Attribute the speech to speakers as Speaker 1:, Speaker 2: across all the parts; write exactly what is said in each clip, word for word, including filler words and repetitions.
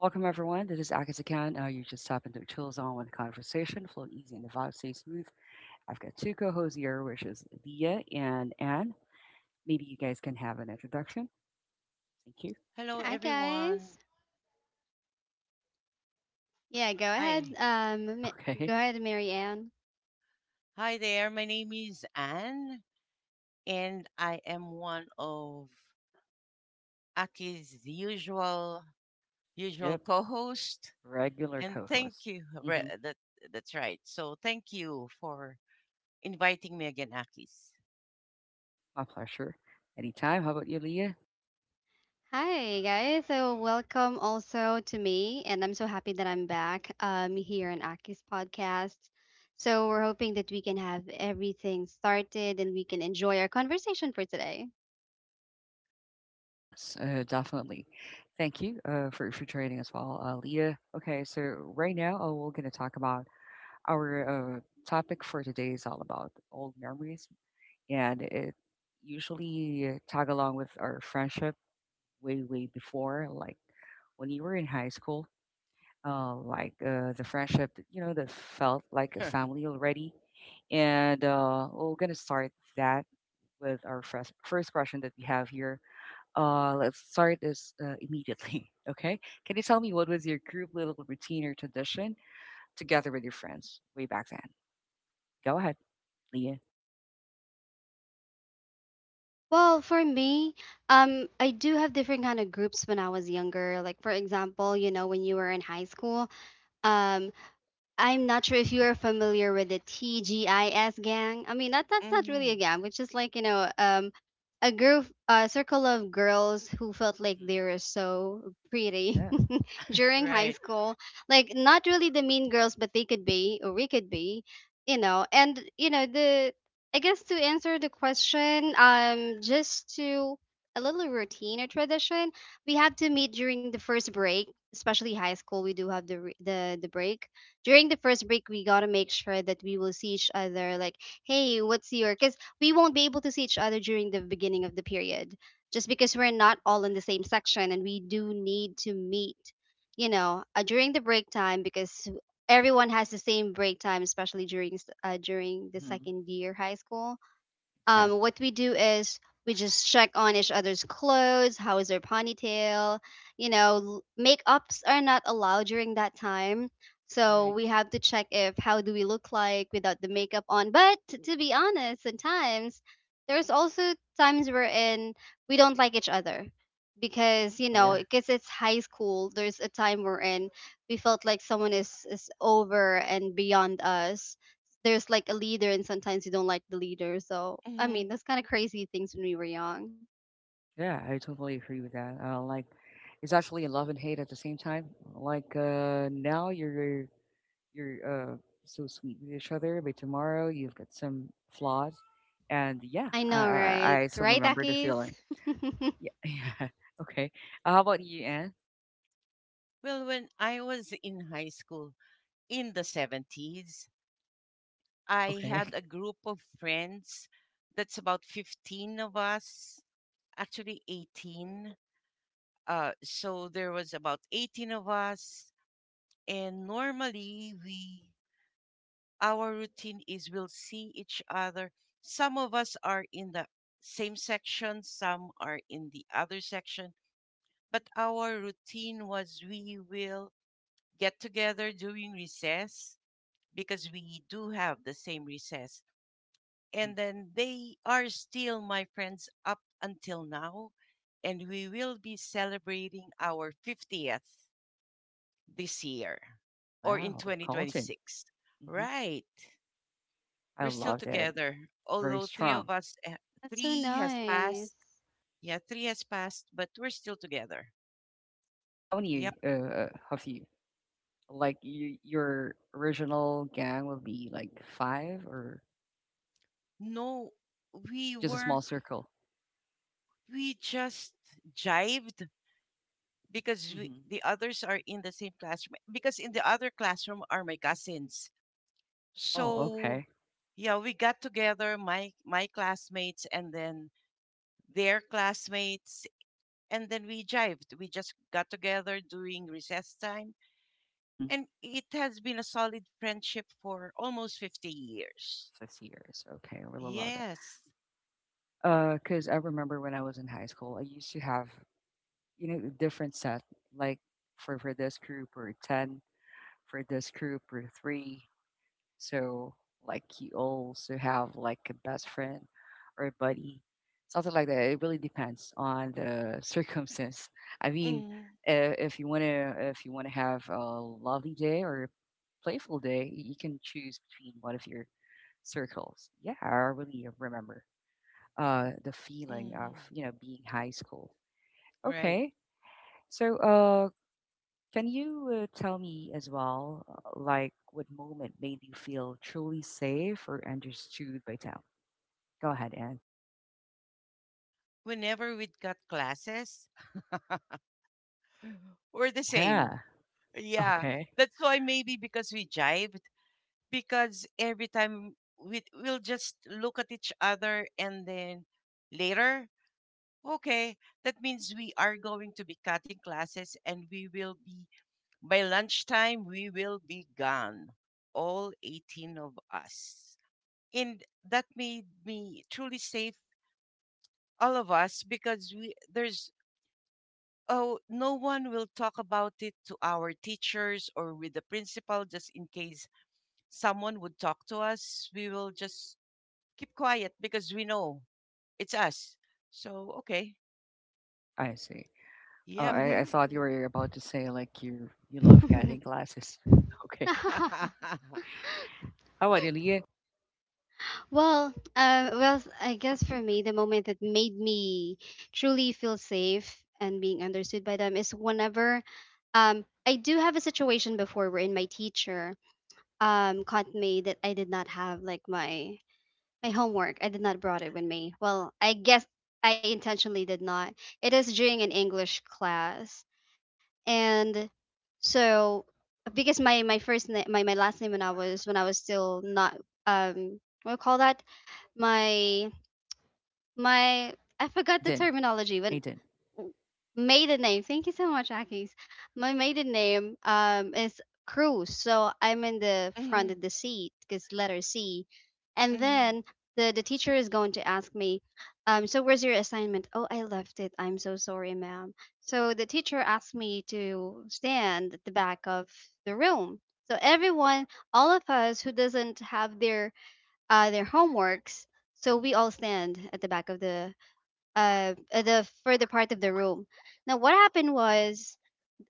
Speaker 1: Welcome, everyone. This is Akita Khan. Uh, you just tap into chills on with conversation, flow easy, and the vibe stay smooth. I've got two co hosts here, which is Leah and Anne. Maybe you guys can have an introduction. Thank you.
Speaker 2: Hello,
Speaker 3: Hi
Speaker 2: everyone.
Speaker 3: guys. Yeah, go ahead.
Speaker 2: Hi.
Speaker 3: Um, Ma- go
Speaker 1: Okay.
Speaker 3: ahead, Mary Ann.
Speaker 2: Hi there. My name is Anne, and I am one of Aki's usual usual
Speaker 1: Yep.
Speaker 2: co-host.
Speaker 1: Regular
Speaker 2: And
Speaker 1: co
Speaker 2: thank
Speaker 1: host.
Speaker 2: you.
Speaker 1: Hmm.
Speaker 2: Re- That that's right. So thank you for inviting me again, Aki's.
Speaker 1: My pleasure. Anytime. How about you, Leah?
Speaker 3: Hi guys. So welcome also to me, and I'm so happy that I'm back. Um, here on Aki's podcast. So we're hoping that we can have everything started and we can enjoy our conversation for today.
Speaker 1: Yes, uh, definitely. Thank you uh, for, for joining as well, uh, Leah. Okay, so right now uh, we're going to talk about our uh, topic for today is all about old memories, and it usually tag along with our friendship way way before, like when you were in high school, uh, like uh, the friendship that, you know that felt like a family already. And uh, we're gonna start that with our first first question that we have here. Uh, let's start this uh, immediately. Okay. Can you tell me what was your group little routine or tradition together with your friends way back then? Go ahead, Leah.
Speaker 3: Well, for me, um, I do have different kind of groups when I was younger. Like for example, you know, when you were in high school, um, I'm not sure if you are familiar with the T G I S gang. I mean, that that's not really a
Speaker 2: Mm-hmm.
Speaker 3: gang, it's just like you know, um, a group, a circle of girls who felt like
Speaker 1: Hmm.
Speaker 3: they were so pretty
Speaker 1: Yeah.
Speaker 3: during high
Speaker 2: Right,
Speaker 3: school. Like not really the mean girls, but they could be or we could be, you know. And you know the I guess to answer the question, um, just to a little routine or tradition, we have to meet during the first break. Especially high school, we do have the re- the the break. During the first break, we gotta make sure that we will see each other. Like, hey, what's your? Because we won't be able to see each other during the beginning of the period just because we're not all in the same section and we do need to meet you know uh, during the break time because everyone has the same break time especially during s- uh, during the
Speaker 1: Hmm.
Speaker 3: second year high school. Um
Speaker 1: Exactly.
Speaker 3: what we do is we just check on each other's clothes, how is their ponytail, you know, l- makeups are not allowed during that time so
Speaker 2: right.
Speaker 3: we have to check if how do we look like without the makeup on. But t- to be honest, sometimes there's also times we're in we don't like each other because you
Speaker 1: Oh, yeah.
Speaker 3: know, because it's high school, there's a time we're in we felt like someone is is over and beyond us. There's like a leader and sometimes you don't like the leader. So I mean,
Speaker 2: Mm-hmm.
Speaker 3: that's kind of crazy things when we were young.
Speaker 1: Yeah, I totally agree with that. Uh, like, it's actually love and hate at the same time. Like, uh, now you're you're uh so sweet with each other, but tomorrow you've got some flaws, and yeah,
Speaker 3: I
Speaker 1: I
Speaker 3: know,
Speaker 1: I,
Speaker 3: right?
Speaker 1: I still
Speaker 3: Right,
Speaker 1: remember the
Speaker 3: Akis.
Speaker 1: feeling. Yeah, yeah. Okay. Uh, how about you, Anne?
Speaker 2: Well, when I was in high school in the seventies, I
Speaker 1: Okay.
Speaker 2: had a group of friends that's about fifteen of us. Actually, eighteen. Uh, so there was about eighteen of us, and normally we our routine is we'll see each other. Some of us are in the same section, some are in the other section, but our routine was we will get together during recess because we do have the same recess.
Speaker 1: Hmm.
Speaker 2: And then they are still my friends up until now, and we will be celebrating our fiftieth this year, or in
Speaker 1: Wow, Colton.
Speaker 2: twenty twenty-six.
Speaker 1: Hmm.
Speaker 2: Right,
Speaker 1: I
Speaker 2: we're still
Speaker 1: love that.
Speaker 2: together,
Speaker 1: Very
Speaker 2: although three
Speaker 1: strong.
Speaker 2: of us eh,
Speaker 3: That's so
Speaker 2: three has passed.
Speaker 3: nice.
Speaker 2: Yeah, three has passed, but we're still together.
Speaker 1: How
Speaker 2: Yep.
Speaker 1: many uh have you? Like, you, your original gang will be like five or
Speaker 2: No, we
Speaker 1: just a
Speaker 2: were
Speaker 1: small circle.
Speaker 2: we just jived, because we,
Speaker 1: Mhm.
Speaker 2: the others are in the same classroom, because in the other classroom are my cousins.
Speaker 1: Oh,
Speaker 2: So
Speaker 1: okay.
Speaker 2: yeah, we got together, my my classmates, and then their classmates. And then we jived. We just got together during recess time.
Speaker 1: Mhm.
Speaker 2: And it has been a solid friendship for almost fifty years.
Speaker 1: fifty years. Okay, I really love that.
Speaker 2: Yes.
Speaker 1: Uh, because I remember when I was in high school, I used to have, you know, a different set, like for for this group or ten, for this group or three. So like you also have like a best friend or a buddy, something like that. It really depends on the circumstance. I mean,
Speaker 2: Hmm.
Speaker 1: uh, if you wanna if you wanna have a lovely day or a playful day, y- you can choose between one of your circles. Yeah, I really remember, uh, the feeling of
Speaker 2: Hmm.
Speaker 1: you know being high school.
Speaker 2: Right.
Speaker 1: Okay, so uh, can you uh, tell me as well, uh, like what moment made you feel truly safe or understood by town? Go ahead, Anne.
Speaker 2: Whenever we got classes, we're the same.
Speaker 1: Yeah.
Speaker 2: Yeah,
Speaker 1: Okay.
Speaker 2: that's why. Maybe because we jive. Because every time we we'll just look at each other, and then later, okay, that means we are going to be cutting classes, and we will be by lunchtime we will be gone, all eighteen of us. And that made me truly safe. All of us, because we there's, oh, no one will talk about it to our teachers or with the principal. Just in case someone would talk to us, we will just keep quiet, because we know it's us. So, okay.
Speaker 1: I see. Oh,
Speaker 2: Yep.
Speaker 1: I, I thought you were about to say like you you love
Speaker 3: Mm-hmm.
Speaker 1: getting glasses. Okay. How about you, Leah?
Speaker 3: Well, uh, well, s- I guess for me, the moment that made me truly feel safe and being understood by them is whenever um, I do have a situation before wherein my teacher um, caught me that I did not have like my my homework. I did not brought it with me. Well, I guess I intentionally did not. It is during an English class, and so because my my first name, my, my last name, when I was when I was still not um what do you call that, my my I forgot the
Speaker 1: Aiden.
Speaker 3: terminology, but
Speaker 1: Aiden.
Speaker 3: maiden name. Thank you so much, Akis. My maiden name um is Cruz, so I'm in the front
Speaker 2: Mm-hmm,
Speaker 3: of the seat because letter C, and
Speaker 2: mm-hmm,
Speaker 3: then the the teacher is going to ask me, um, so where's your assignment? Oh, I left it. I'm so sorry, ma'am. So the teacher asked me to stand at the back of the room. So everyone, all of us who doesn't have their uh, their homeworks. So we all stand at the back of the uh, at the further part of the room. Now what happened was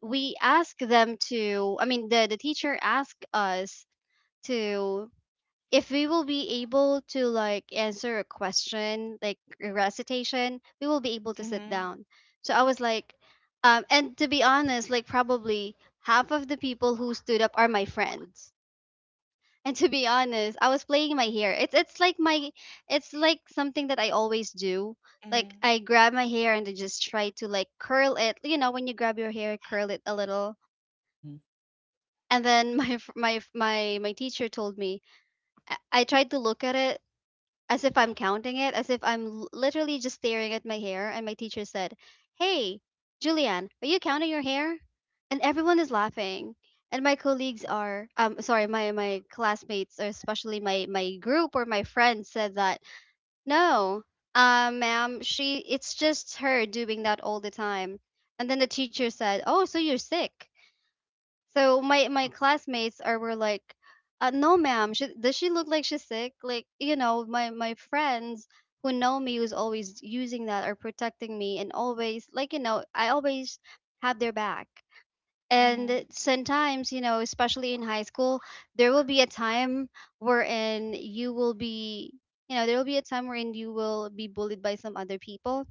Speaker 3: we asked them to. I mean, the the teacher asked us to, if we will be able to like answer a question like a recitation, we will be able to sit
Speaker 2: mm-hmm,
Speaker 3: down.
Speaker 1: Mm-hmm.
Speaker 3: So I was like, um and to be honest, like probably half of the people who stood up are my friends. And to be honest, I was playing my hair. It's it's like my, it's like something that I always do. Like
Speaker 2: mm-hmm,
Speaker 3: I grab my hair and I just try to like curl it. You know, when you grab your hair, curl it a little.
Speaker 1: Mm-hmm.
Speaker 3: And then my f- my f- my my teacher told me, I, I tried to look at it as if I'm counting it, as if I'm l- literally just staring at my hair. And my teacher said, hey, Julianne, are you counting your hair? And everyone is laughing. And my colleagues
Speaker 1: Mm-hmm.
Speaker 3: are, um, sorry, my, my classmates, or especially my, my group or my friends, said that, no, uh, ma'am, she, it's just her doing that all the time. And then the teacher said, oh, so you're sick. So my my classmates are were like, uh, "No, ma'am. She, does she look like she's sick?" Like you know, my my friends who know me, who's always using that or protecting me, and always like you know, I always have their back.
Speaker 2: mm-hmm,
Speaker 3: And sometimes you know, especially in high school, there will be a time wherein you will be you know there will be a time wherein you will be bullied by some other people.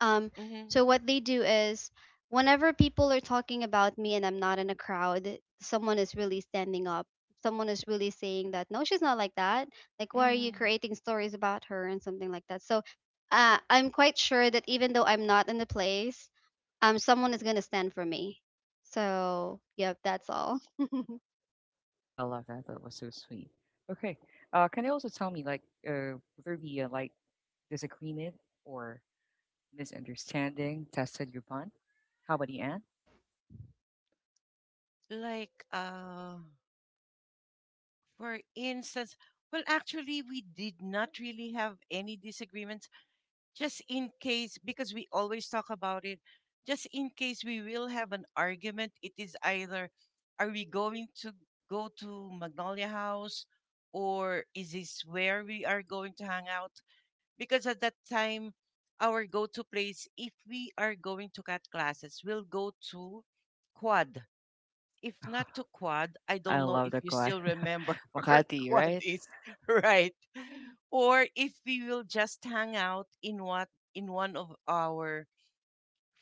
Speaker 3: um,
Speaker 2: mm-hmm,
Speaker 3: so what they do is whenever people are talking about me and I'm not in a crowd, someone is really standing up. Someone is really saying that no, she's not like that. Like, why are you
Speaker 2: mm-hmm.
Speaker 3: creating stories about her and something like that? So uh, I'm quite sure that even though I'm not in the place, um, someone is gonna stand for me. So, yep, that's all.
Speaker 1: I love that. That was so sweet. Okay. Uh, can you also tell me, like, uh, would there be a like disagreement or misunderstanding tested your bond? How about you, Anne?
Speaker 2: Like, uh, for instance, well, actually, we did not really have any disagreements. Just in case, because we always talk about it, just in case we will have an argument, it is either are we going to go to Magnolia House, or is this where we are going to hang out? Because at that time, our go to place, if we are going to cut classes, will go to Quad. If not to Quad, I
Speaker 1: I
Speaker 2: don't know
Speaker 1: love
Speaker 2: if
Speaker 1: that
Speaker 2: you
Speaker 1: quad.
Speaker 2: still remember where
Speaker 1: Makati,
Speaker 2: Quad
Speaker 1: right?
Speaker 2: is, right? Or if we will just hang out in what in one of our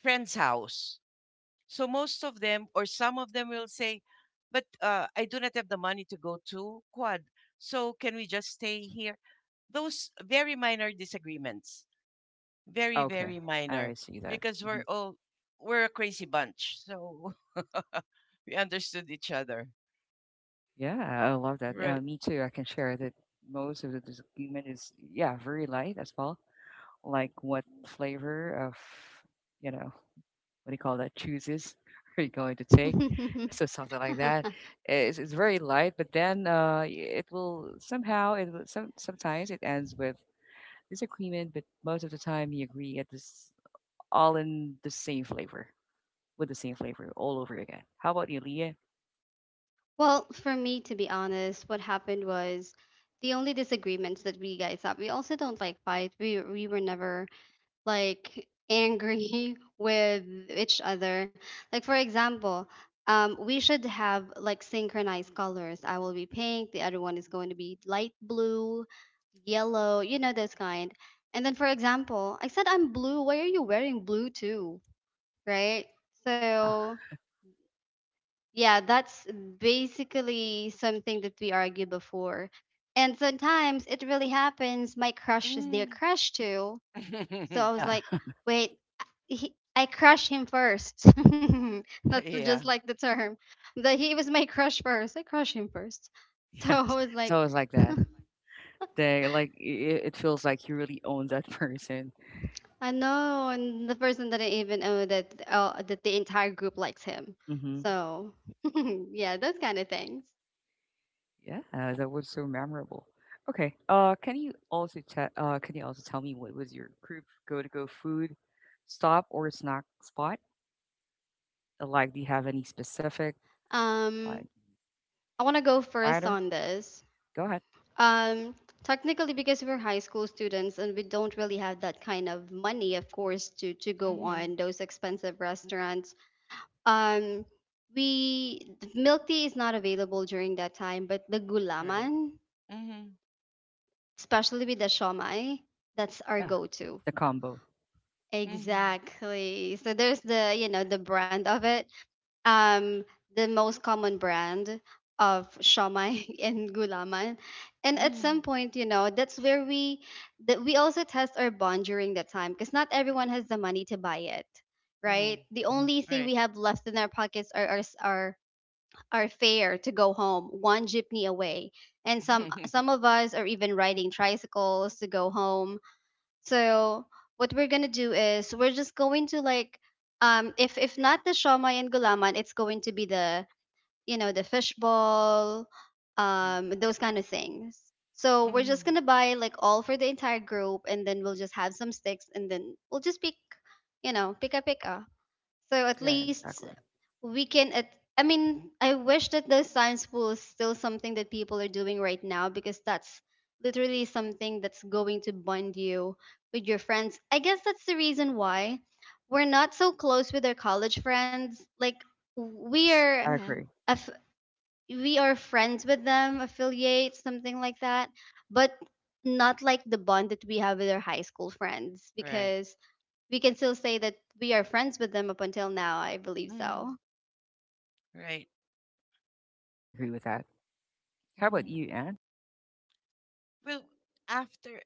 Speaker 2: friends' house. So most of them, or some of them, will say, "But uh, I do not have the money to go to Quad, so can we just stay here?" Those very minor disagreements, very,
Speaker 1: Okay,
Speaker 2: very
Speaker 1: I
Speaker 2: minor,
Speaker 1: see that.
Speaker 2: because we're
Speaker 1: Mhm.
Speaker 2: all we're a crazy bunch, so we understood each other.
Speaker 1: Yeah, I love that. Uh,
Speaker 2: Right.
Speaker 1: me too. I can share that most of the disagreement is, yeah, very light as well. Like what flavor of you know what do you call that, chooses are you going to take? So something like that. It's, it's very light, but then uh, it will somehow it will some, sometimes it ends with disagreement, but most of the time you agree at this, all in the same flavor, with the same flavor all over again. How about you, Leah?
Speaker 3: Well, for me, to be honest, what happened was the only disagreements that we guys have. We also don't like fight. We we were never like angry with each other. Like for example, um, we should have like synchronized colors. I will be pink, the other one is going to be light blue, yellow, you know those kind. And then for example, I said I'm blue. Why are you wearing blue too? Right?
Speaker 1: Yeah.
Speaker 3: So yeah, that's basically something that we argue before. And sometimes it really happens. My crush is their
Speaker 2: Mm.
Speaker 3: crush too. So I was
Speaker 1: Yeah.
Speaker 3: like, wait, uh, he, I crushed him first. That's just
Speaker 2: yeah.
Speaker 3: like the term. That he was my crush first. I crushed him first. So
Speaker 1: Yes,
Speaker 3: I was
Speaker 1: it's
Speaker 3: like,
Speaker 1: always like that. They like I It feels like you really own that person.
Speaker 3: I know, and the person didn't even know that uh, that the entire group likes him.
Speaker 1: Hmm.
Speaker 3: So yeah, those kind of things.
Speaker 1: Yeah, that was so memorable. Okay, uh, can you also te- uh can you also tell me what was your group go to go food stop or snack spot? Uh, Like, do you have any specific like
Speaker 3: Um, I want to go first
Speaker 1: either?
Speaker 3: on this.
Speaker 1: Go ahead.
Speaker 3: Um, Technically, because we're high school students and we don't really have that kind of money, of course, to to go on
Speaker 2: Mhm.
Speaker 3: those expensive restaurants. um we, milk tea is not available during that time, but the
Speaker 2: Right.
Speaker 3: gulaman,
Speaker 2: Mhm.
Speaker 3: especially with the shomai, that's our
Speaker 1: Yeah,
Speaker 3: go-to.
Speaker 1: the combo.
Speaker 2: Mhm.
Speaker 3: Exactly. So there's the, you know, the brand of it. um the most common brand of shomai and gulaman. And at some
Speaker 2: Mhm.
Speaker 3: point, you know, that's where we, that we also test our bond during that time because not everyone has the money to buy it, right?
Speaker 2: Mm.
Speaker 3: The
Speaker 1: Mm-hmm.
Speaker 3: only thing
Speaker 2: Right.
Speaker 3: we have left in our pockets are our s- our, are fair to go home, one jeepney away. And some some of us are even riding tricycles to go home. So what we're gonna do is we're just going to like, um if if not the shawmai and gulaman, it's going to be the, you know, the fishball,
Speaker 1: Mm-hmm.
Speaker 3: um those kind of things. So we're just
Speaker 2: mhm.
Speaker 3: gonna buy like all for the entire group, and then we'll just have some sticks, and then we'll just pick, you know, pika pika. So at
Speaker 1: Yeah,
Speaker 3: least
Speaker 1: exactly.
Speaker 3: we can at I mean, I wish that the science pool is still something that people are doing right now, because that's literally something that's going to bond you with your friends. I guess that's the reason why we're not so close with our college friends. Like we
Speaker 1: Yes,
Speaker 3: are
Speaker 1: I agree.
Speaker 2: Mhm.
Speaker 3: aff- we are friends with them, affiliates, something like that, but not like the bond that we have with our high school friends,
Speaker 2: Right.
Speaker 3: because we can still say that we are friends with them up until now. I believe so.
Speaker 2: Mhm. Right.
Speaker 1: I agree with that. How about
Speaker 2: Mhm.
Speaker 1: you, Anne?
Speaker 2: Well, after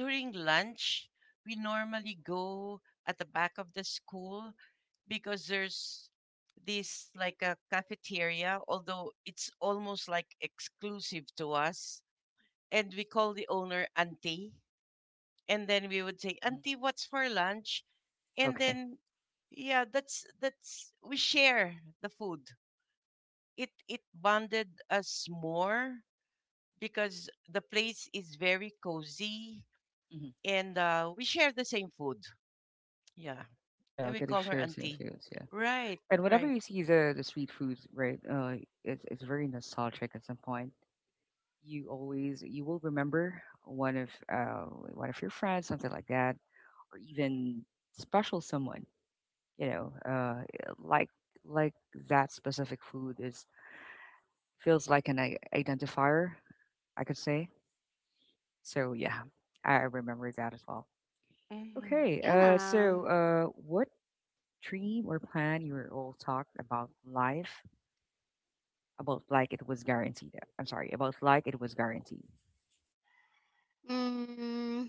Speaker 2: during lunch, we normally go at the back of the school, because there's this, like, a cafeteria, although it's almost like exclusive to us, and we call the owner Auntie, and then we would say,
Speaker 1: Hmm.
Speaker 2: "Auntie, what's for lunch?" And
Speaker 1: Okay.
Speaker 2: then, yeah, that's that's we share the food. It it bonded us more because the place is very cozy,
Speaker 1: Hmm.
Speaker 2: and uh, we share the same food. Yeah,
Speaker 1: Yeah,
Speaker 2: and
Speaker 1: I'll
Speaker 2: we
Speaker 1: get to
Speaker 2: call her
Speaker 1: share some
Speaker 2: Auntie.
Speaker 1: things.
Speaker 2: Right,
Speaker 1: And whenever
Speaker 2: right,
Speaker 1: you see the the street foods, right, uh, it's it's very nostalgic at some point. You always you will remember one of uh, one of your friends, something like that, or even special someone. You know, uh, like like that specific food is feels like an i- identifier, I could say. So yeah, I remember that as well.
Speaker 2: mm-hmm.
Speaker 1: Okay, uh,
Speaker 3: Yeah.
Speaker 1: so uh, what dream or plan you all talked about life about like it was guaranteed? I'm sorry, about like it was guaranteed.
Speaker 3: Mm,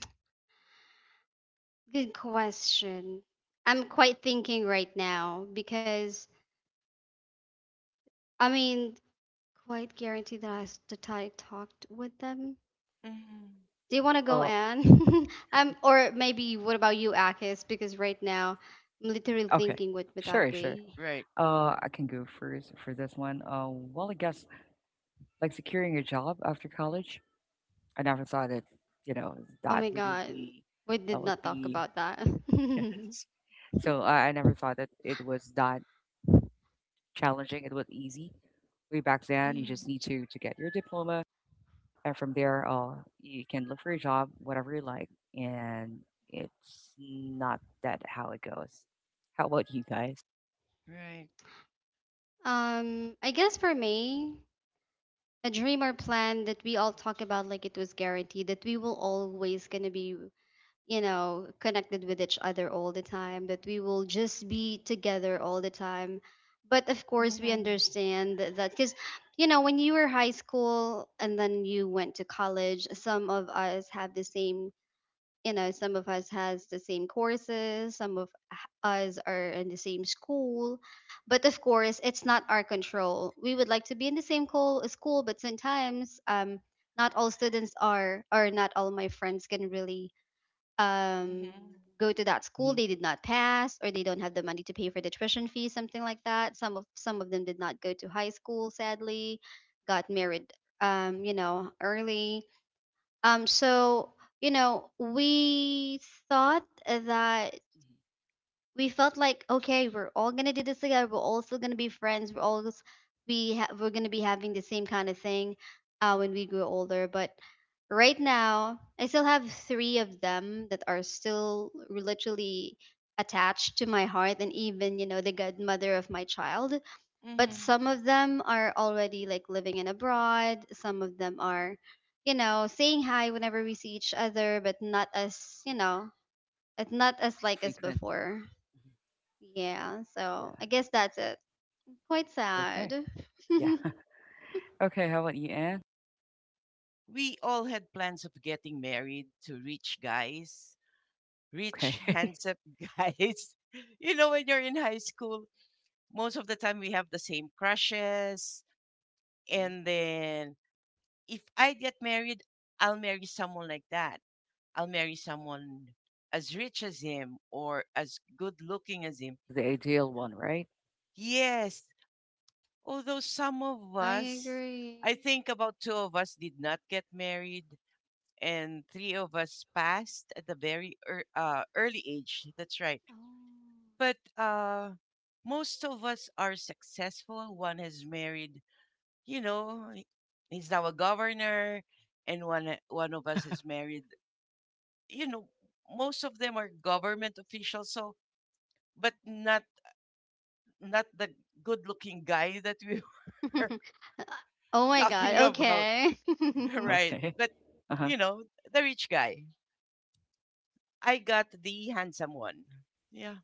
Speaker 3: good question. I'm quite thinking right now because I mean, quite guaranteed that I s- that I talked with them.
Speaker 2: Mm-hmm.
Speaker 3: Do you want to go,
Speaker 1: Well,
Speaker 3: Anne? Um, or maybe what about you, Akis? Because right now I'm literally
Speaker 1: okay.
Speaker 3: thinking, what would that
Speaker 1: Sure, sure.
Speaker 3: be?
Speaker 2: Right,
Speaker 1: Uh, I can go first for this one. Uh, well, I guess like securing a job after college, I never thought that, you know,
Speaker 3: Oh
Speaker 1: that
Speaker 3: my
Speaker 1: would it
Speaker 3: God,
Speaker 1: be,
Speaker 3: we
Speaker 1: that
Speaker 3: did
Speaker 1: would
Speaker 3: not talk
Speaker 1: be,
Speaker 3: about that.
Speaker 1: yes. So I, I never thought that it was that challenging. It was easy. Way back then, you
Speaker 2: mm-hmm.
Speaker 1: just need to to get your diploma. And from there, uh, you can look for a job, whatever you like, and it's not that how it goes. How about you guys?
Speaker 2: Right.
Speaker 3: um, I guess for me, a dream or plan that we all talk about like it was guaranteed that we will always gonna be, you know, connected with each other all the time, that we will just be together all the time. But of course, we
Speaker 2: Mm-hmm.
Speaker 3: understand that because, you know, when you were high school and then you went to college, some of us have the same, you know, some of us has the same courses, some of us are in the same school. But of course, it's not our control. We would like to be in the same co- school, but sometimes um, not all students are, or not all my friends can really um
Speaker 2: Mm-hmm.
Speaker 3: go to that school.
Speaker 1: Hmm.
Speaker 3: They did not pass, or they don't have the money to pay for the tuition fee, something like that. Some of some of them did not go to high school, sadly, got married um you know early. um so you know we thought that,
Speaker 1: Hmm.
Speaker 3: we felt like, okay, we're all gonna do this together, we're all still gonna be friends, we're all s- we ha- we're gonna be having the same kind of thing uh, when we grow older. But right now I still have three of them that are still literally attached to my heart, and even, you know, the godmother of my child. But
Speaker 1: Hmm.
Speaker 2: Mm-hmm.
Speaker 3: some of them are already like living in abroad, some of them are, you know, saying hi whenever we see each other, but not as, you know, it's not as
Speaker 1: It's
Speaker 3: like as
Speaker 1: frequent.
Speaker 3: before.
Speaker 1: Mhm.
Speaker 3: Yeah, so
Speaker 1: Yeah.
Speaker 3: I guess that's it. Quite
Speaker 1: Okay.
Speaker 3: sad.
Speaker 1: Yeah. Okay. How about you, Anne?
Speaker 2: We all had plans of getting married to rich guys rich,
Speaker 1: Okay.
Speaker 2: handsome guys. You know, when you're in high school, most of the time we have the same crushes.
Speaker 1: Mhm.
Speaker 2: And then, if I get married, I'll marry someone like that. I'll marry someone as rich as him, or as good looking as him.
Speaker 1: Like the ideal one, right?
Speaker 2: Yes, although some of
Speaker 3: I
Speaker 2: us, I
Speaker 3: agree.
Speaker 2: think about two of us did not get married. And three of us passed at the very ear uh, early age. That's right. But uh, most of us are successful. One has married, you know, he- he's now a governor. And one one of us is married. You know, most of them are government officials. So, but not not the good-looking guy that we
Speaker 3: Oh.
Speaker 2: were
Speaker 3: Oh my
Speaker 2: talking
Speaker 3: god,
Speaker 2: about,
Speaker 3: okay.
Speaker 1: Yeah.
Speaker 2: right?
Speaker 1: Okay.
Speaker 2: But
Speaker 1: Uh huh.
Speaker 2: you know, the rich guy. I got the handsome one. Yeah.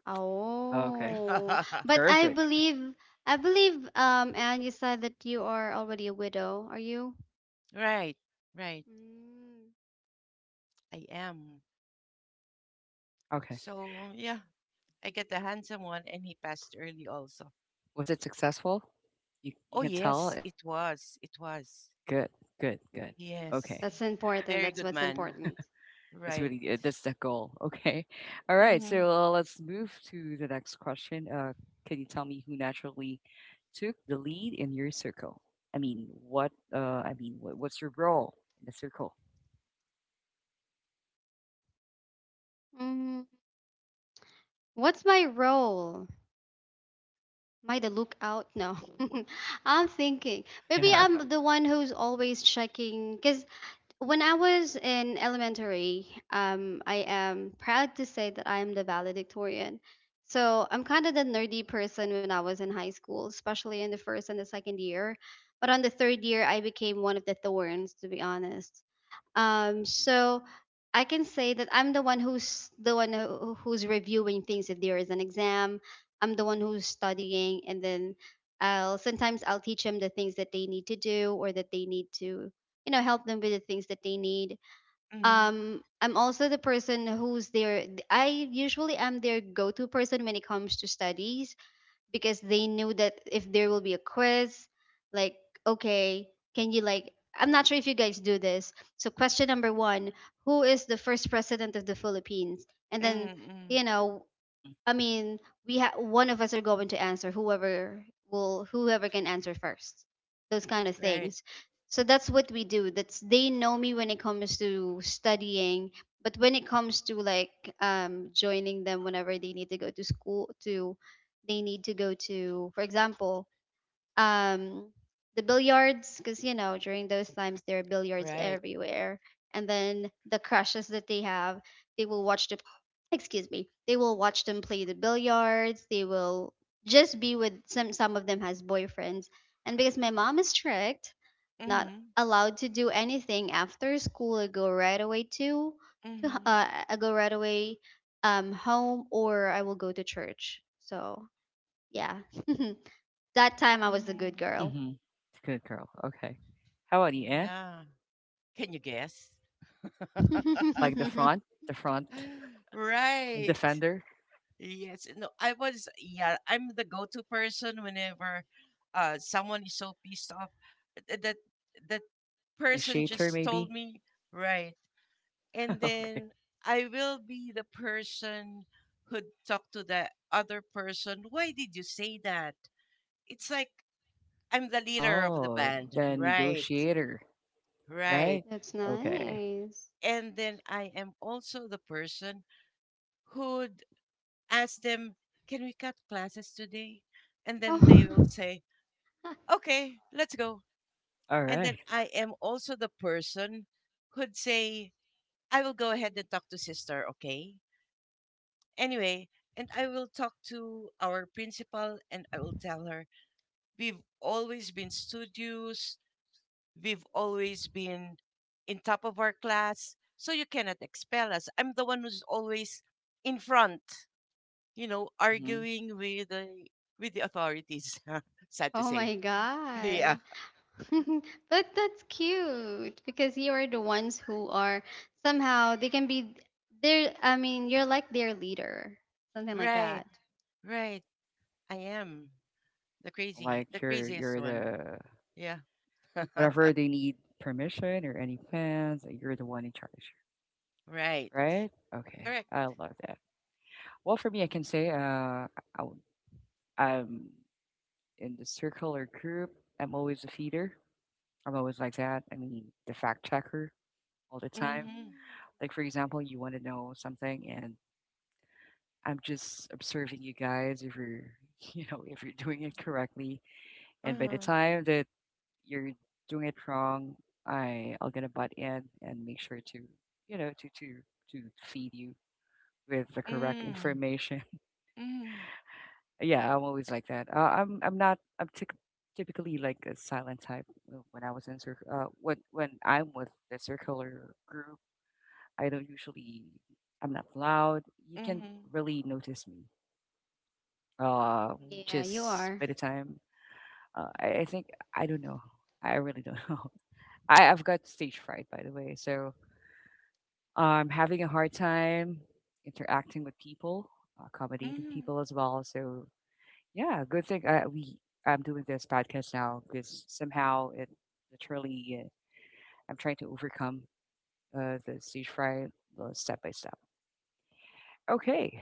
Speaker 1: Okay.
Speaker 3: Oh. But I
Speaker 1: Perfect.
Speaker 3: believe, I believe um and you said that you are already a widow, are you?
Speaker 2: right. Right.
Speaker 3: Mm.
Speaker 2: I am.
Speaker 1: Okay.
Speaker 2: So yeah. I get the handsome one, and he passed early also.
Speaker 1: Was it successful? You
Speaker 2: Oh,
Speaker 1: you can tell.
Speaker 2: yes,
Speaker 1: it-
Speaker 2: it
Speaker 1: Okay.
Speaker 2: was. It was.
Speaker 1: Good. Good. Good. Okay.
Speaker 2: Yes.
Speaker 3: That's
Speaker 2: A
Speaker 3: important.
Speaker 2: very
Speaker 3: That's
Speaker 2: good
Speaker 3: what's
Speaker 2: man.
Speaker 3: important.
Speaker 1: That's
Speaker 2: Right.
Speaker 1: really it. That's the goal. Okay. All right. So
Speaker 2: Mm-hmm.
Speaker 1: uh, let's move to the next question. Uh, can you tell me who naturally took the lead in your circle? I mean, what? Uh, I mean, what, what's your role in the circle?
Speaker 3: Mm. What's my role? Am I the lookout? No. I'm thinking. Maybe
Speaker 1: Yeah.
Speaker 3: I'm the one who's always checking. Because when I was in elementary, um, I am proud to say that I am the valedictorian. So I'm kind of the nerdy person when I was in high school, especially in the first and the second year. But on the third year, I became one of the thorns, to be honest. Um, so I can say that I'm the one who's the one who- who's reviewing things if there is an exam. I'm the one who's studying, and then I'll sometimes I'll teach them the things that they need to do, or that they need to, you know, help them with the things that they need.
Speaker 2: mm-hmm.
Speaker 3: Um, I'm also the person who's their, I usually am their go-to person when it comes to studies, because they knew that if there will be a quiz, like, okay, can you, like, I'm not sure if you guys do this. So, question number one, who is the first president of the Philippines? And then, you
Speaker 2: Mm-hmm.
Speaker 3: know,
Speaker 1: Mhm.
Speaker 3: I mean, we have one of us are going to answer, whoever will, whoever can answer first. Those kind of
Speaker 2: Right.
Speaker 3: things. So that's what we do. That's, they know me when it comes to studying, but when it
Speaker 1: Mhm.
Speaker 3: comes to like, um, joining them whenever they need to go to school to, they need to go to, for example, um, the billiards, because you know during those times there are billiards
Speaker 2: Right.
Speaker 3: everywhere, and then the crushes that they have, they will watch the, excuse me, they will watch them play the billiards. They will just be with some some of them has boyfriends. And because my mom is strict, not
Speaker 2: Mm-hmm.
Speaker 3: allowed to do anything after school, I go right away to, to h-
Speaker 2: Mm-hmm.
Speaker 3: uh, I go right away, um, home, or I will go to church. So yeah. That time I was the good
Speaker 2: Mm-hmm.
Speaker 3: girl.
Speaker 1: Mhm. Good girl. Okay. How about you, Anne?
Speaker 2: Yeah. Can you guess?
Speaker 1: Like the front, the front
Speaker 2: Right.
Speaker 1: defender,
Speaker 2: Yes, no, I was, yeah, I'm the go-to person whenever uh someone is so pissed off, th- that that person
Speaker 1: initiator,
Speaker 2: just told
Speaker 1: maybe.
Speaker 2: me, right. And
Speaker 1: Okay.
Speaker 2: then I will be the person who'd talk to the other person, why did you say that? It's like I'm the leader of the
Speaker 1: Oh,
Speaker 2: band,
Speaker 1: the
Speaker 2: right,
Speaker 1: negotiator,
Speaker 2: right.
Speaker 1: right?
Speaker 3: That's
Speaker 1: Okay.
Speaker 3: nice.
Speaker 2: And then I am also the person who'd ask them, can we cut classes today? And then they will
Speaker 3: Oh.
Speaker 2: say, okay, let's go.
Speaker 1: All
Speaker 2: And
Speaker 1: right.
Speaker 2: then I am also the person who'd say, I will go ahead and talk to sister, okay? Anyway, and I will talk to our principal and I will tell her, we've always been studious, we've always been in top of our class, so you cannot expel us. I'm the one who's always in front, you know,
Speaker 1: Mm-hmm.
Speaker 2: arguing with the with the authorities, sad to
Speaker 3: Oh
Speaker 2: say.
Speaker 3: my
Speaker 2: yeah.
Speaker 3: God. But that's cute, because you are the ones who are, somehow they can be there. I mean, you're like their leader, something like
Speaker 2: Right,
Speaker 3: that.
Speaker 2: right. I am. The crazy,
Speaker 1: Like
Speaker 2: the
Speaker 1: you're you're
Speaker 2: craziest one.
Speaker 1: the
Speaker 2: Yeah.
Speaker 1: whatever they need permission or any plans, you're the one in charge,
Speaker 2: right.
Speaker 1: right? Okay,
Speaker 2: Correct.
Speaker 1: I love that. Well, for me, I can say, uh, I, I'm in the circle or group. I'm always a feeder. I'm always like that. I mean, the fact checker all the time.
Speaker 2: Mm-hmm.
Speaker 3: Mm.
Speaker 1: Like for example, you want to know something, and I'm just observing you guys if you're, you know if you're doing it correctly. And by the
Speaker 2: Uh-huh.
Speaker 1: time that you're doing it wrong, I I'll gonna butt in and make sure to you know to to to feed you with the correct
Speaker 2: Mm.
Speaker 1: information.
Speaker 2: Mm.
Speaker 1: Yeah, I'm always like that. Uh, I'm I'm not I'm tyc- typically like a silent type. uh, When I was in cir- uh when when I'm with the circular group, I don't usually I'm not loud. You can
Speaker 2: Mm-hmm.
Speaker 1: really notice me. Uh,
Speaker 2: Mm.
Speaker 3: Yeah, you
Speaker 1: just
Speaker 3: are.
Speaker 1: by the time, uh, I, I think I don't know. I really don't know. I, I've got stage fright, by the way. So um, having a hard time interacting with people, accommodating
Speaker 2: Mm.
Speaker 1: people as well. So yeah, good thing I, we I'm doing this podcast now because somehow it literally, uh, I'm trying to overcome, uh, the stage fright, uh, step by step. Okay,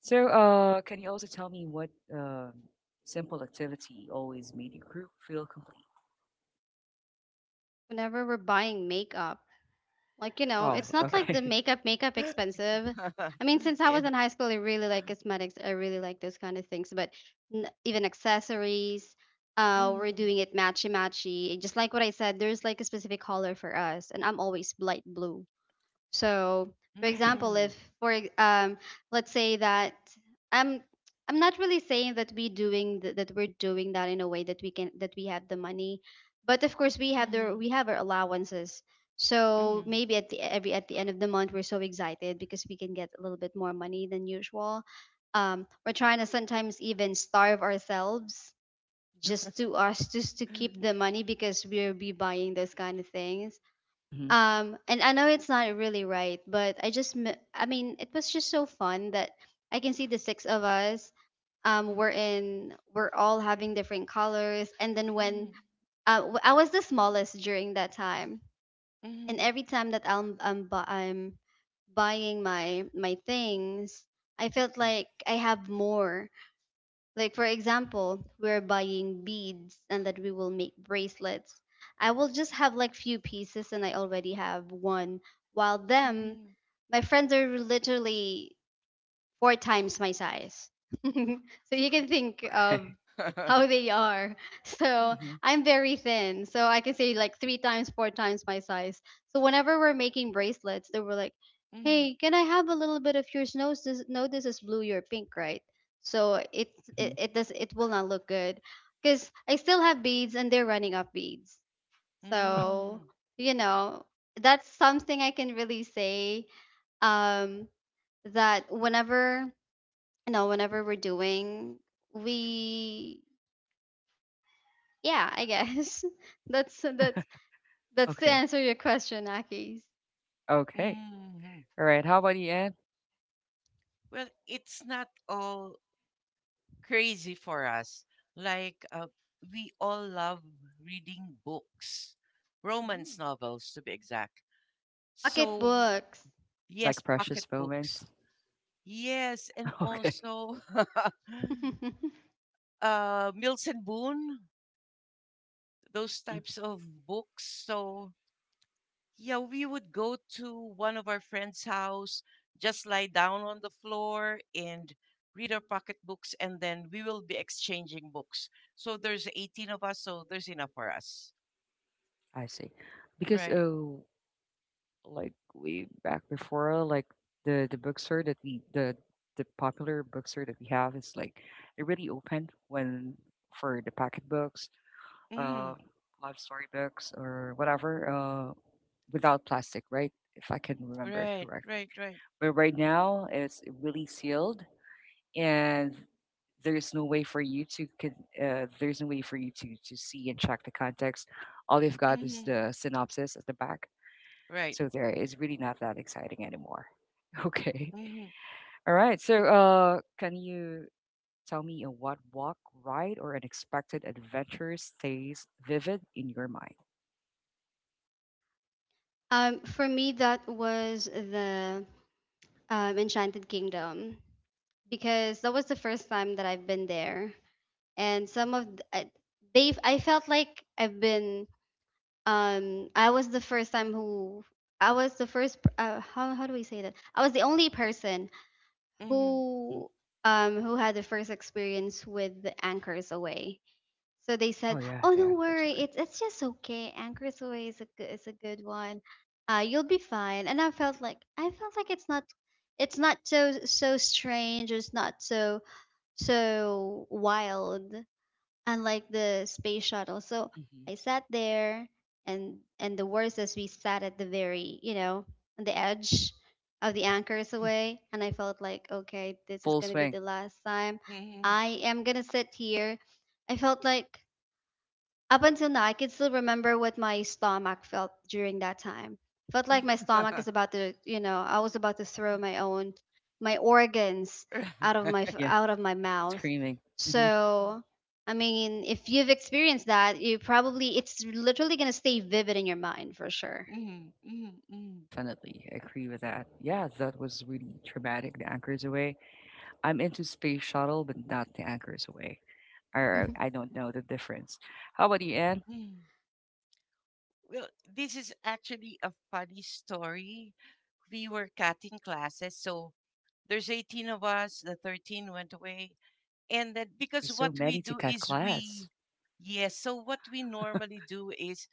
Speaker 1: so uh, can you also tell me what um, simple activity always made your group feel complete?
Speaker 3: Whenever we're buying makeup, like, you know,
Speaker 1: Oh,
Speaker 3: it's not like the
Speaker 1: okay.
Speaker 3: makeup makeup expensive. I mean, since I was
Speaker 2: yeah.
Speaker 3: in high school, I really like cosmetics. I really like those kind of things, but n- even accessories, uh, we're doing
Speaker 2: Mm.
Speaker 3: it matchy matchy. Just like what I said, there's like a specific color for us, and I'm always light blue. So, for
Speaker 1: Okay.
Speaker 3: example,
Speaker 2: Mm.
Speaker 3: if for ex- um, let's say that I'm I'm not really saying that we doing th- that we're doing that in a way that we can, that we have the money, but of course we have the,
Speaker 2: Mm.
Speaker 3: we have our allowances. So
Speaker 2: Mm.
Speaker 3: maybe at the every at the end of the month we're so excited because we can get a little bit more money than usual. Um, we're trying to sometimes even starve ourselves just to us just to keep the money, because we'll be buying those kind of things.
Speaker 1: Hmm.
Speaker 3: Um, and I know it's not really right, but I just, m- I mean, it was just so fun that I can see the six of us. Um, we're in, we're all having different colors. And then when
Speaker 2: Mm.
Speaker 3: uh, w- I was the smallest during that time, and
Speaker 2: Mm.
Speaker 3: every time that I'm, I'm, bu- I'm buying my my things, I felt like I have more, like for example, we're buying beads and that we will make bracelets. I will just have like few pieces and I already have one. While them,
Speaker 2: Mm.
Speaker 3: my friends are literally four times my size. So you can
Speaker 1: Hmm.
Speaker 3: think
Speaker 1: Okay.
Speaker 3: of how they are. So
Speaker 1: Hmm.
Speaker 3: I'm very thin. So I can say like three times, four times my size. So whenever we're making bracelets, they were like,
Speaker 2: Mm.
Speaker 3: "Hey, can I have a little bit of yours? No, this, no, this is blue. You're pink, right? So it it,
Speaker 1: Hmm.
Speaker 3: it does it will not look good, because I still have beads and they're running up beads." So,
Speaker 2: Mm.
Speaker 3: you know, that's something I can really say, um, that whenever, you know, whenever we're doing, we, yeah, I guess that's, that's that's to
Speaker 1: Okay.
Speaker 3: answer your question, Akis.
Speaker 1: Okay.
Speaker 2: Mm.
Speaker 1: All right. How about the end?
Speaker 2: Well, it's not all crazy for us. Like, uh, we all love reading books, romance novels to be exact. So
Speaker 3: Pocketbooks.
Speaker 1: Like
Speaker 2: yes, pocket
Speaker 1: precious
Speaker 2: books.
Speaker 1: moments?
Speaker 2: Yes, and
Speaker 1: Okay.
Speaker 2: also uh, Milton Boone, those
Speaker 1: Hmm.
Speaker 2: types of books. So yeah, we would go to one of our friends' house, just lie down on the floor and read our pocketbooks, and then we will be exchanging books. So there's eighteen of us, so there's enough for us.
Speaker 1: I see. Because,
Speaker 2: Right.
Speaker 1: oh, like way back before, like the the bookstore that we the the popular bookstore that we have is like it really open when, for the packet books, uh,
Speaker 2: Mm-hmm.
Speaker 1: love story books or whatever, uh, without plastic, right? If I can remember it
Speaker 2: Right,
Speaker 1: correctly.
Speaker 2: right, right.
Speaker 1: But right now, it's really sealed, and there's no way for you to con- uh, there's no way for you to to see and check the context. All you've got is
Speaker 2: Mm-hmm.
Speaker 1: the synopsis at the back,
Speaker 2: Right.
Speaker 1: so there is really not that exciting anymore. Okay.
Speaker 2: Mm-hmm.
Speaker 1: All right, so uh can you tell me a what walk, ride, or unexpected adventure stays vivid in your mind?
Speaker 3: Um, for me that was the, um, Enchanted Kingdom, because that was the first time that I've been there. And some of th- I- they've I felt like I've been, um, I was the first time who, I was the first p- uh, how, how do we say that, I was the only person
Speaker 2: Mm-hmm.
Speaker 1: Hmm.
Speaker 3: who, um, who had the first experience with the Anchors Away. So they said,
Speaker 1: Oh, yeah,
Speaker 3: "Oh
Speaker 1: yeah,
Speaker 3: don't
Speaker 1: that's
Speaker 3: worry,
Speaker 1: right.
Speaker 3: it's it's just okay, Anchors Away is a good, is a good one, uh, you'll be fine." And I felt like, I felt like it's not, it's not so, so strange, it's not so, so wild, unlike the space shuttle. So
Speaker 1: Hmm.
Speaker 3: I sat there, and and the worst is we sat at the very, you know, on the edge of the
Speaker 1: Yeah.
Speaker 3: Anchors Away, and I felt like, okay,
Speaker 1: The
Speaker 3: this is
Speaker 1: full
Speaker 3: gonna be
Speaker 1: swing.
Speaker 3: the last time
Speaker 2: Mm-hmm.
Speaker 3: I am gonna sit here. I felt like, up until now, I can still remember what my stomach felt during that time. Felt like my stomach is about to, you know, I was about to throw my own, my
Speaker 1: Hmm.
Speaker 3: organs
Speaker 2: Right.
Speaker 3: out of my
Speaker 2: Mm.
Speaker 1: Yeah.
Speaker 3: out of my mouth.
Speaker 1: Screaming. Mm-hmm.
Speaker 3: So, I mean, if you've experienced that, you probably, it's literally gonna stay vivid in your mind for sure.
Speaker 2: Mm-hmm. Mm-hmm.
Speaker 1: Definitely agree with that. Yeah, that was really traumatic. The anchors away. I'm into space shuttle, but not the anchors away. Or I don't know the difference. How about you, Anne?
Speaker 2: Mm-hmm. Well, this is actually a funny story. We were cutting classes, so there's eighteen of us, the thirteen went away. And then, because
Speaker 1: There's so
Speaker 2: what we
Speaker 1: many to
Speaker 2: do
Speaker 1: cut
Speaker 2: is
Speaker 1: class.
Speaker 2: we yes, so what we normally do is,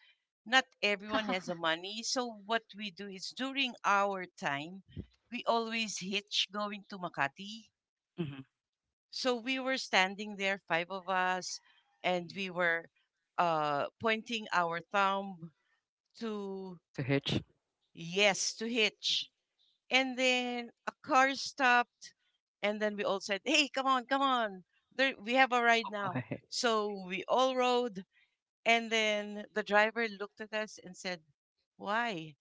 Speaker 2: not everyone has the money. So what we do is, during our time, we always hitch going to Makati.
Speaker 1: Hmm.
Speaker 2: So we were standing there, five of us, and
Speaker 1: Hmm.
Speaker 2: we were uh, pointing our thumb to.
Speaker 1: To hitch.
Speaker 2: Yes, to hitch. And then a car stopped, and then we all said, "Hey, come on, come on! There, we have a ride now." So we all rode, and then the driver looked at us and said, "Why?"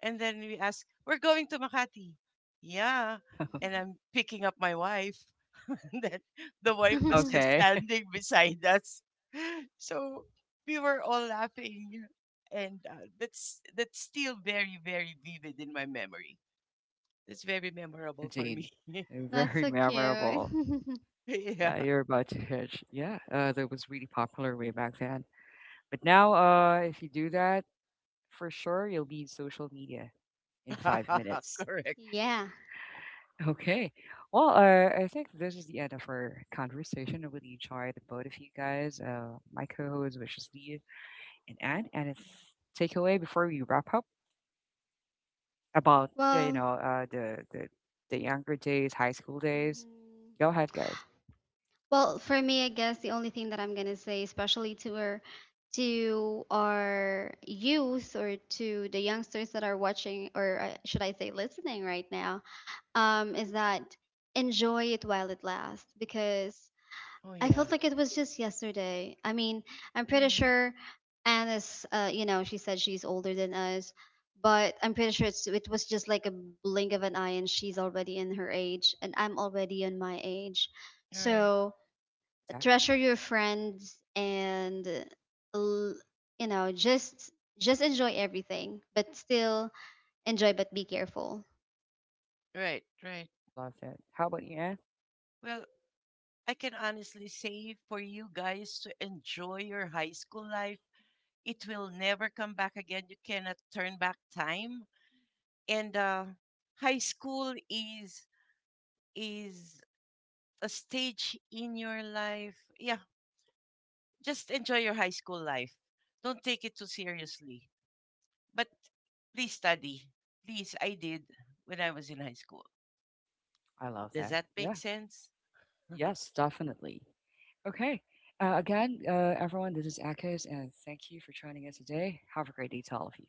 Speaker 2: And then we ask, we're going to Makati. Yeah. And I'm picking up my wife. And then the wife was just
Speaker 1: Okay.
Speaker 2: standing beside us. So we were all laughing. And uh, that's that's still very, very vivid in my memory. That's very memorable for
Speaker 1: Indeed.
Speaker 2: me.
Speaker 3: That's
Speaker 1: Very
Speaker 3: so cute.
Speaker 1: memorable.
Speaker 2: yeah.
Speaker 1: Yeah, you're about to hitch. Yeah, uh, that was really popular way back then. But now, uh, if you do that, for sure you'll be in social media in five minutes.
Speaker 2: Correct.
Speaker 3: Yeah.
Speaker 1: Okay. Well, uh, I think this is the end of our conversation. I really enjoyed the both of you guys, uh, my co-host, which is Leah and Anne. And it's takeaway before we wrap up about, yeah, you
Speaker 3: Well,
Speaker 1: know, uh, the the the younger days, high school days.
Speaker 3: mhm.
Speaker 1: Go ahead, guys.
Speaker 3: Well, for me, I guess the only thing that I'm gonna say, especially to our, to our youth, or to the youngsters that are watching, or uh, should I say listening right now, um, is that enjoy it while it lasts, because
Speaker 2: Oh,
Speaker 3: I
Speaker 2: yeah.
Speaker 3: felt like it was just yesterday. I mean, I'm pretty
Speaker 2: Mm,
Speaker 3: sure Anna's, uh, you know, she said she's older than us, but I'm pretty sure it's, it was just like a blink of an eye, and she's already in her age, and I'm already in my age.
Speaker 2: right,
Speaker 3: So
Speaker 1: Exactly.
Speaker 3: treasure your friends and l- you know, just just enjoy everything, but still, enjoy but be careful.
Speaker 2: right, right.
Speaker 1: I love that. How about you, Anne?
Speaker 2: Well, I can honestly say for you guys to enjoy your high school life, it will never come back again. You cannot turn back time. And uh, high school is is a stage in your life. Yeah, just enjoy your high school life. Don't take it too seriously. But please study. Please, I did when I was in high school.
Speaker 1: I love
Speaker 2: Does
Speaker 1: that.
Speaker 2: that make
Speaker 1: Yeah.
Speaker 2: sense?
Speaker 1: Yes, definitely. Okay. Uh, again, uh, everyone, this is Akis, and thank you for joining us today. Have a great day to all of you.